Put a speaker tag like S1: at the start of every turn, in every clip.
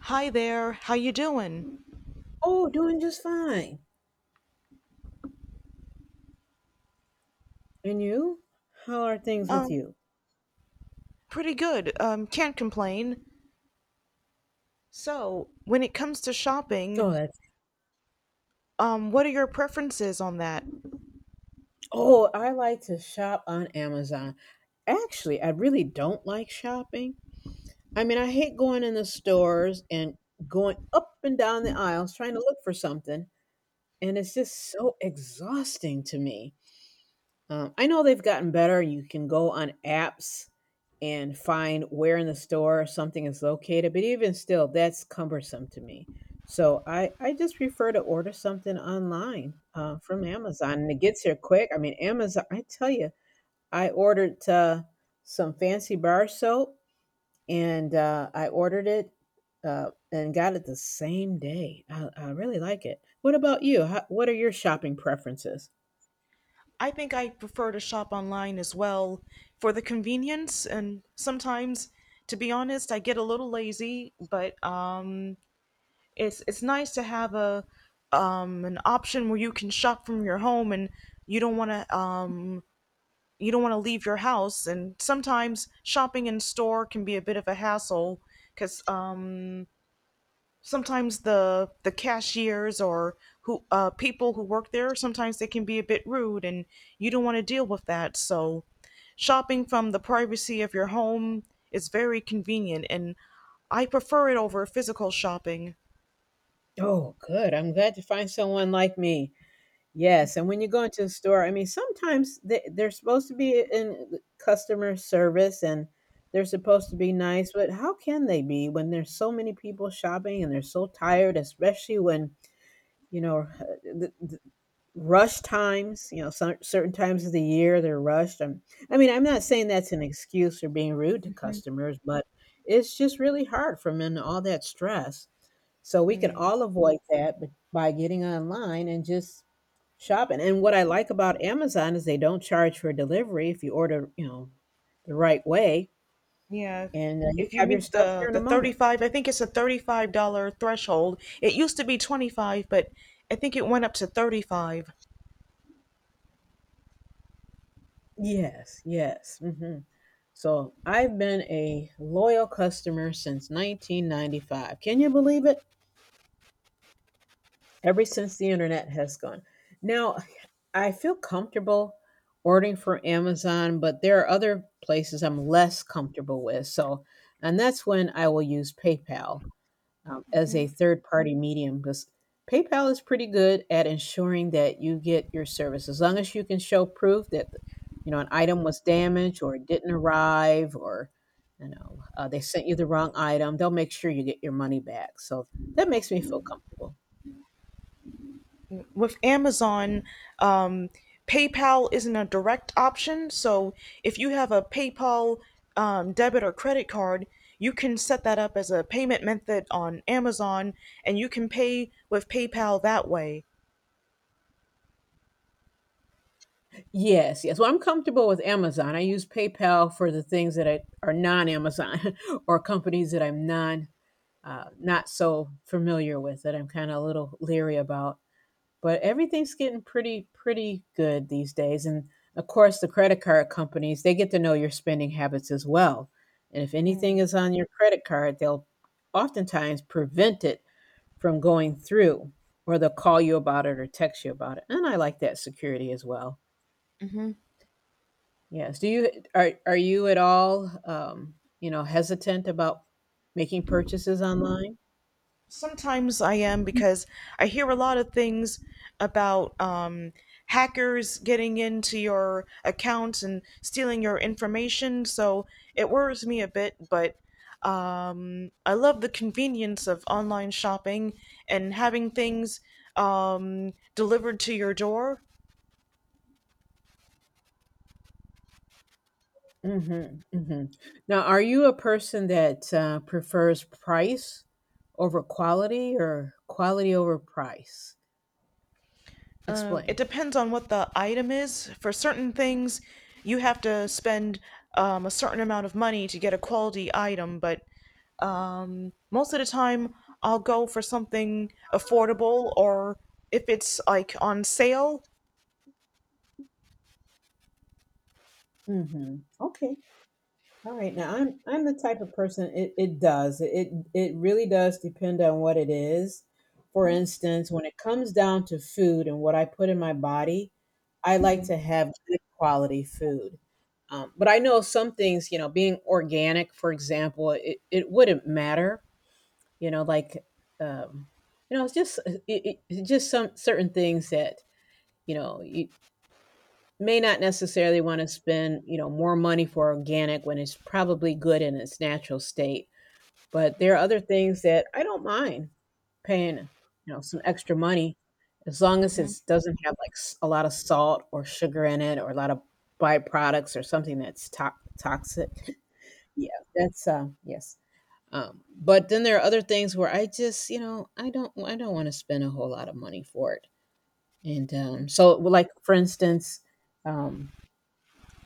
S1: Hi there. How you doing?
S2: Oh, doing just fine. And you? How are things with
S1: Um,
S2: you?
S1: Pretty good. Can't complain. So, when it comes to shopping,
S2: Oh, that's
S1: what are your preferences on that?
S2: oh, I like to shop on Amazon. Actually, I really don't like shopping. I mean, I hate going in the stores and going up and down the aisles trying to look for something, and it's just so exhausting to me. I know they've gotten better. You can go on apps and find where in the store something is located, but even still, that's cumbersome to me. So I just prefer to order something online from Amazon, and it gets here quick. I mean, Amazon, I tell you, I ordered some fancy bar soap, and I ordered it and got it the same day. I really like it. What about you? What are your shopping preferences?
S1: I think I prefer to shop online as well for the convenience and sometimes, to be honest, I get a little lazy, but it's nice to have a an option where you can shop from your home and you don't want to you don't want to leave your house, and sometimes shopping in store can be a bit of a hassle because sometimes the cashiers or who people who work there, sometimes they can be a bit rude, and you don't want to deal with that. So shopping from the privacy of your home is very convenient, and I prefer it over physical shopping.
S2: Oh, good. I'm glad to find someone like me. Yes. And when you go into a store, I mean, sometimes they're supposed to be in customer service and they're supposed to be nice, but how can they be when there's so many people shopping and they're so tired, especially when you know, the rush times, you know, certain times of the year they're rushed. I mean, I'm not saying that's an excuse for being rude to customers, but it's just really hard from in all that stress. So we can all avoid that by getting online and just shopping. And what I like about Amazon is they don't charge for delivery if you order, you know, the right way,
S1: Yeah.
S2: and you
S1: If you
S2: have your
S1: meet
S2: stuff
S1: the
S2: here in
S1: the
S2: a moment.
S1: 35, I think it's a $35 threshold. It used to be 25, but I think it went up to 35.
S2: Yes, yes. So I've been a loyal customer since 1995. Can you believe it? Ever since the internet has gone. Now, I feel comfortable ordering from Amazon, but there are other places I'm less comfortable with. So, and that's when I will use PayPal as a third party medium because PayPal is pretty good at ensuring that you get your service as long as you can show proof that, you know, an item was damaged or it didn't arrive, or, you know, they sent you the wrong item, they'll make sure you get your money back, so that makes me feel comfortable.
S1: With Amazon, um, PayPal isn't a direct option, so if you have a PayPal debit or credit card, you can set that up as a payment method on Amazon, and you can pay with PayPal that way.
S2: Yes, yes, well, I'm comfortable with Amazon. I use PayPal for the things that I, are non-Amazon or companies that I'm non not so familiar with, that I'm kind of a little leery about. But everything's getting pretty good these days, and of course the credit card companies, they get to know your spending habits as well, and if anything is on your credit card, they'll oftentimes prevent it from going through, or they'll call you about it or text you about it, and I like that security as well. Yes. Are you at all, you know, hesitant about making purchases online?
S1: Sometimes I am, because I hear a lot of things about hackers getting into your account and stealing your information, so it worries me a bit. But I love the convenience of online shopping and having things delivered to your door.
S2: Mhm, mhm. Now, are you a person that, prefers price over quality or quality over price?
S1: It
S2: Explain.
S1: depends on what the item is. For certain things, you have to spend a certain amount of money to get a quality item. But most of the time, I'll go for something affordable, or if it's like on sale.
S2: Mhm. Okay. All right. Now I'm the type of person, it really does depend on what it is. For instance, when it comes down to food and what I put in my body, I like to
S1: But
S2: have good quality food. But I know some things, you know, being organic, for example, it wouldn't matter. You know, like, um, you know, it's just it's just some certain things that, you know, you may not necessarily want to spend, you know, more money for organic when it's probably good in its natural state. But there are other things that I don't mind paying, you know, some extra money, as long as it doesn't have like a lot of salt or sugar in it, or a lot of byproducts or something that's toxic. Yeah, that's um, yes. Um, but then there are other things where I just, you know, I don't want to spend a whole lot of money for it. And so, like for instance, um,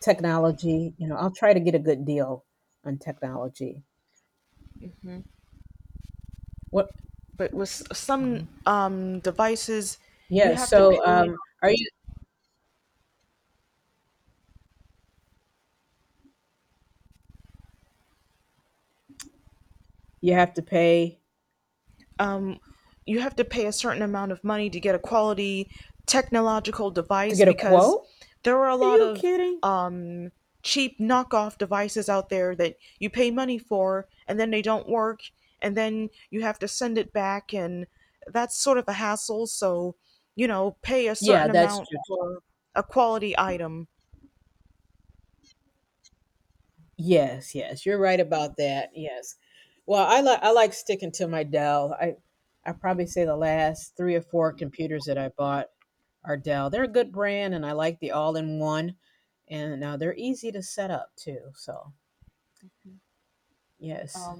S2: technology. You know, I'll try to get a good deal on technology. What?
S1: with s-
S2: Mhm.
S1: some devices, you
S2: Yeah.
S1: have to
S2: So,
S1: pay
S2: are you? You have to pay
S1: you have to pay a certain amount of money to get a quality technological
S2: to
S1: device,
S2: get a
S1: because
S2: quote?
S1: there are a
S2: Are
S1: lot
S2: you
S1: of
S2: kidding?
S1: um, cheap knockoff devices out there that you pay money for and then they don't work, and then you have to send it back, and that's sort of a hassle. So, you know, pay a
S2: Yeah,
S1: certain
S2: that's
S1: amount
S2: true.
S1: for a quality item.
S2: Yes, yes, you're right about that. Yes. Well, I like sticking to my Dell. I probably say the last three or four computers that I bought or Dell. They're a good brand, and I like the all in one, and they're easy to set up too. So yes.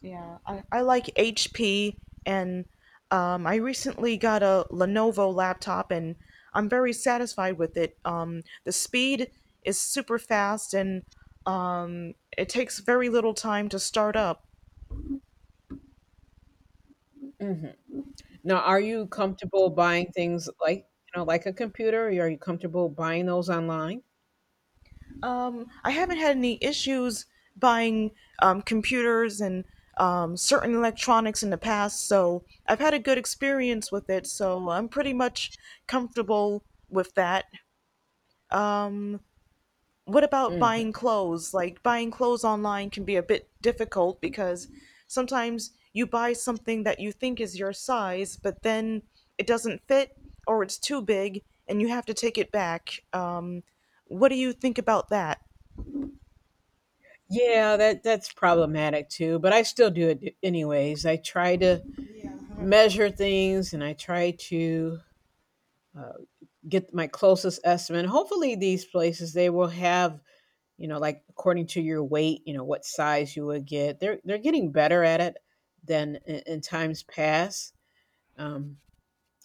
S1: Yeah, I like HP, and I recently got a Lenovo laptop, and I'm very satisfied with it. The speed is super fast, and it takes very little time to start up.
S2: hmm Now, are you comfortable buying things like, you know, like a computer? Or are you comfortable buying those online?
S1: I haven't had any issues buying computers and certain electronics in the past, so I've had a good experience with it, so I'm pretty much comfortable with that. What about buying
S2: hmm
S1: clothes? Like, buying clothes online can be a bit difficult because sometimes you buy something that you think is your size, but then it doesn't fit, or it's too big, and you have to take it back. What do you think about that?
S2: Yeah, that's problematic too. But I still do it anyways. I try to measure things, and I try to uh, get my closest estimate. Hopefully, these places they will have, you know, like according to your weight, you know, what size you would get. They're getting better at it than in times past. Um,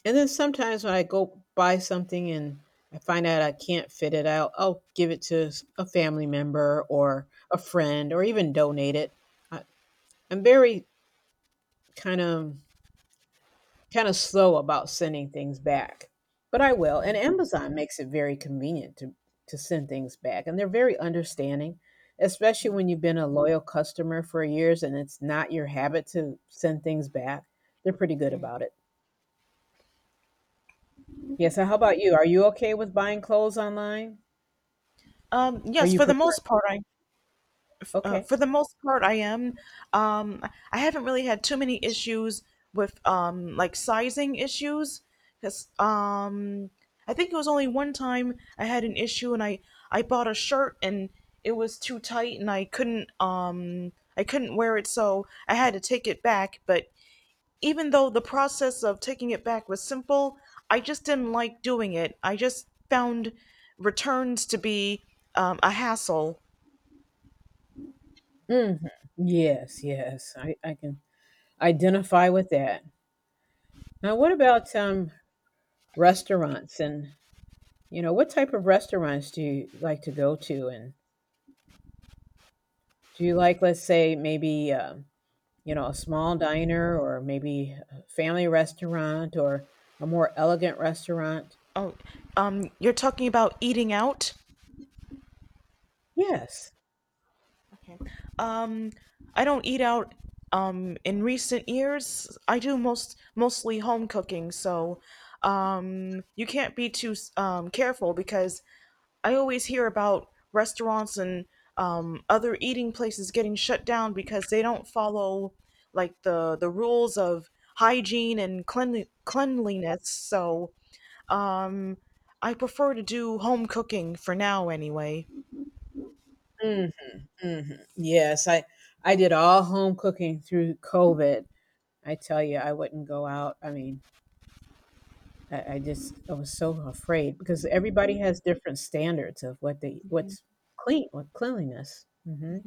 S2: and then sometimes when I go buy something and I find out I can't fit it out, I'll give it to a family member or a friend, or even donate it. I, I'm very kind of slow about sending things back, but I will. And Amazon makes it very convenient to send things back, and they're very understanding, especially when you've been a loyal customer for years and it's not your habit to send things back. They're pretty good about it. Yeah. So, how about you? Are you okay with buying clothes online, or
S1: Yes,
S2: you
S1: for the
S2: prefer?
S1: most part, I— uh,
S2: Okay.
S1: for the most part, I am. Um, I haven't really had too many issues with like sizing issues, because I think it was only one time I had an issue, and I bought a shirt and it was too tight and I couldn't wear it, so I had to take it back. But even though the process of taking it back was simple, I just didn't like doing it. I just found returns to be a hassle.
S2: hmm Yes. Yes. I can identify with that. Now, what about um, restaurants and, you know, what type of restaurants do you like to go to? And do you like, let's say, maybe, you know, a small diner, or maybe a family restaurant, or a more elegant restaurant?
S1: Oh, you're talking about eating out?
S2: Yes.
S1: Okay. Um, I don't eat out. In recent years, I do mostly home cooking, so you can't be too careful, because I always hear about restaurants and other eating places getting shut down because they don't follow like the rules of hygiene and cleanliness. So um, I prefer to do home cooking for now, anyway.
S2: Mhm, mhm. Yes, I did all home cooking through COVID. I tell you, I wouldn't go out. I mean, I was so afraid because everybody has different standards of what they what's clean, what cleanliness.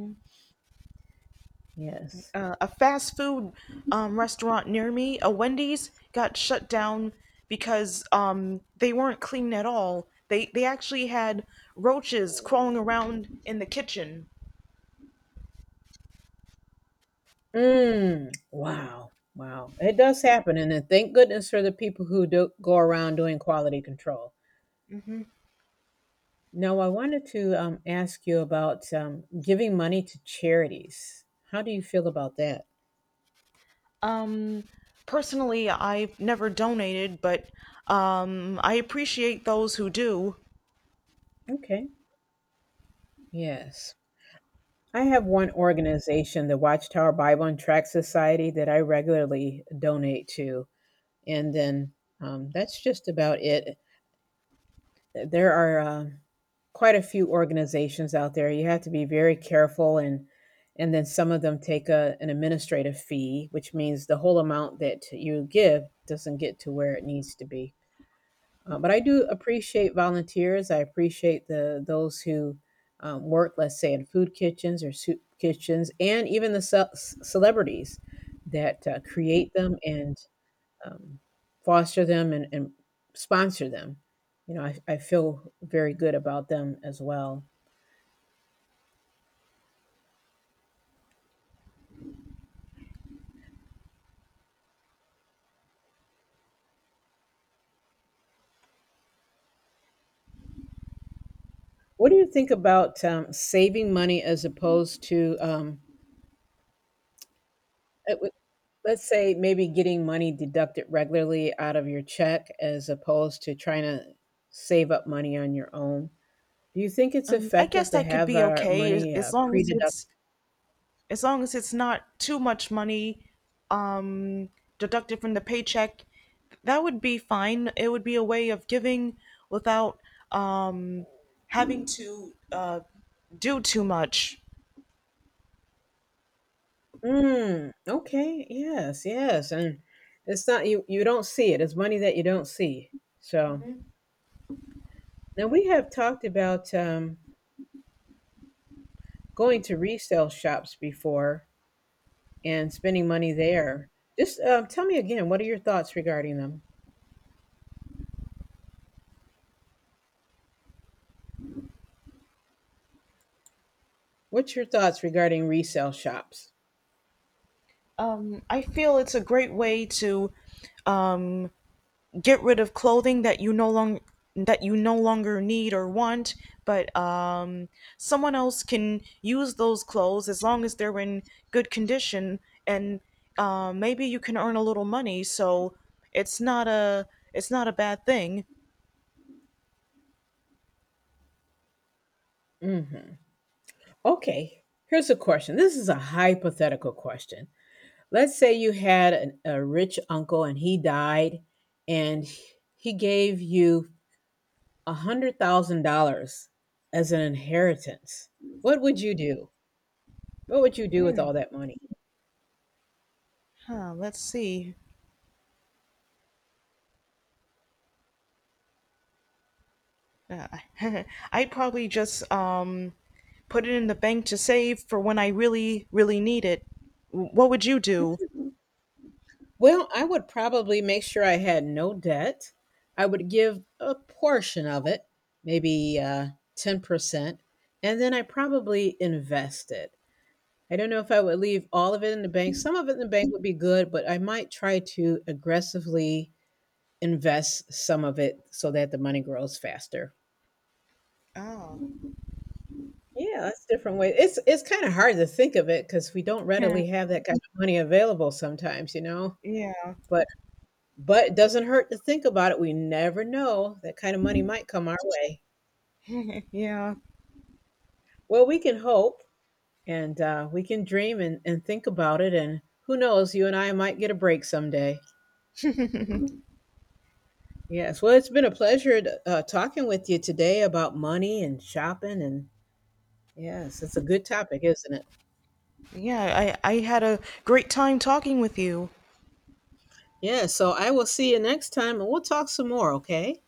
S2: Yes.
S1: A fast food restaurant near me, a Wendy's, got shut down because they weren't clean at all. They actually had roaches crawling around in the kitchen.
S2: Mm, wow, wow. It does happen, and then thank goodness for the people who do go around doing quality control. Now, I wanted to ask you about giving money to charities. How do you feel about that?
S1: Um, Personally, I've never donated, but I appreciate those who do.
S2: Okay. Yes. I have one organization, the Watchtower Bible and Tract Society, that I regularly donate to. And then that's just about it. There are quite a few organizations out there. You have to be very careful, and then some of them take a, an administrative fee, which means the whole amount that you give doesn't get to where it needs to be. But I do appreciate volunteers. I appreciate the those who work, let's say, in food kitchens or soup kitchens, and even the celebrities that create them and um, foster them, and sponsor them. You know, I feel very good about them as well. What do you think about saving money as opposed to, it would- let's say, maybe getting money deducted regularly out of your check, as opposed to trying to save up money on your own? Do you think it's
S1: I
S2: effective
S1: guess
S2: to
S1: that could
S2: have
S1: be
S2: our
S1: okay,
S2: money
S1: as long as
S2: pre-deducted?
S1: it's— as long as it's not too much money um, deducted from the paycheck, that would be fine. It would be a way of giving without um, having to do too much.
S2: Mm, okay. Yes. Yes. And it's not you. You don't see it. It's money that you don't see. So now we have talked about going to resale shops before, and spending money there. Just tell me again, what are your thoughts regarding them? What's your thoughts regarding resale shops?
S1: I feel it's a great way to um, get rid of clothing that you no long that you no longer need or want, but someone else can use those clothes, as long as they're in good condition, and maybe you can earn a little money. So, it's not a it's not a bad thing.
S2: hmm Okay, here's a question. This is a hypothetical question. Let's say you had an, a rich uncle and he died, and he gave you $100,000 as an inheritance. What would you do? What would you do with all that money?
S1: Huh, let's see. Uh, I'd probably just put it in the bank to save for when I really really need it. What would you do?
S2: Well, I would probably make sure I had no debt. I would give a portion of it, maybe 10%, and then I probably invest it. I don't know if I would leave all of it in the bank. Some of it in the bank would be good, but I might try to aggressively invest some of it so that the money grows faster.
S1: Oh,
S2: Yeah, that's a different way. It's kind of hard to think of it because we don't readily have that kind of money available sometimes, you know.
S1: yeah,
S2: But But it doesn't hurt to think about it. We never know. That kind of money might come our way.
S1: yeah.
S2: Well, we can hope and we can dream and think about it. And who knows, you and I might get a break someday. Yes. Well, it's been a pleasure talking with you today about money and shopping. And yes, it's a good topic, isn't it?
S1: Yeah, I had a great time talking with you.
S2: Yeah. So I will see you next time and we'll talk some more, okay?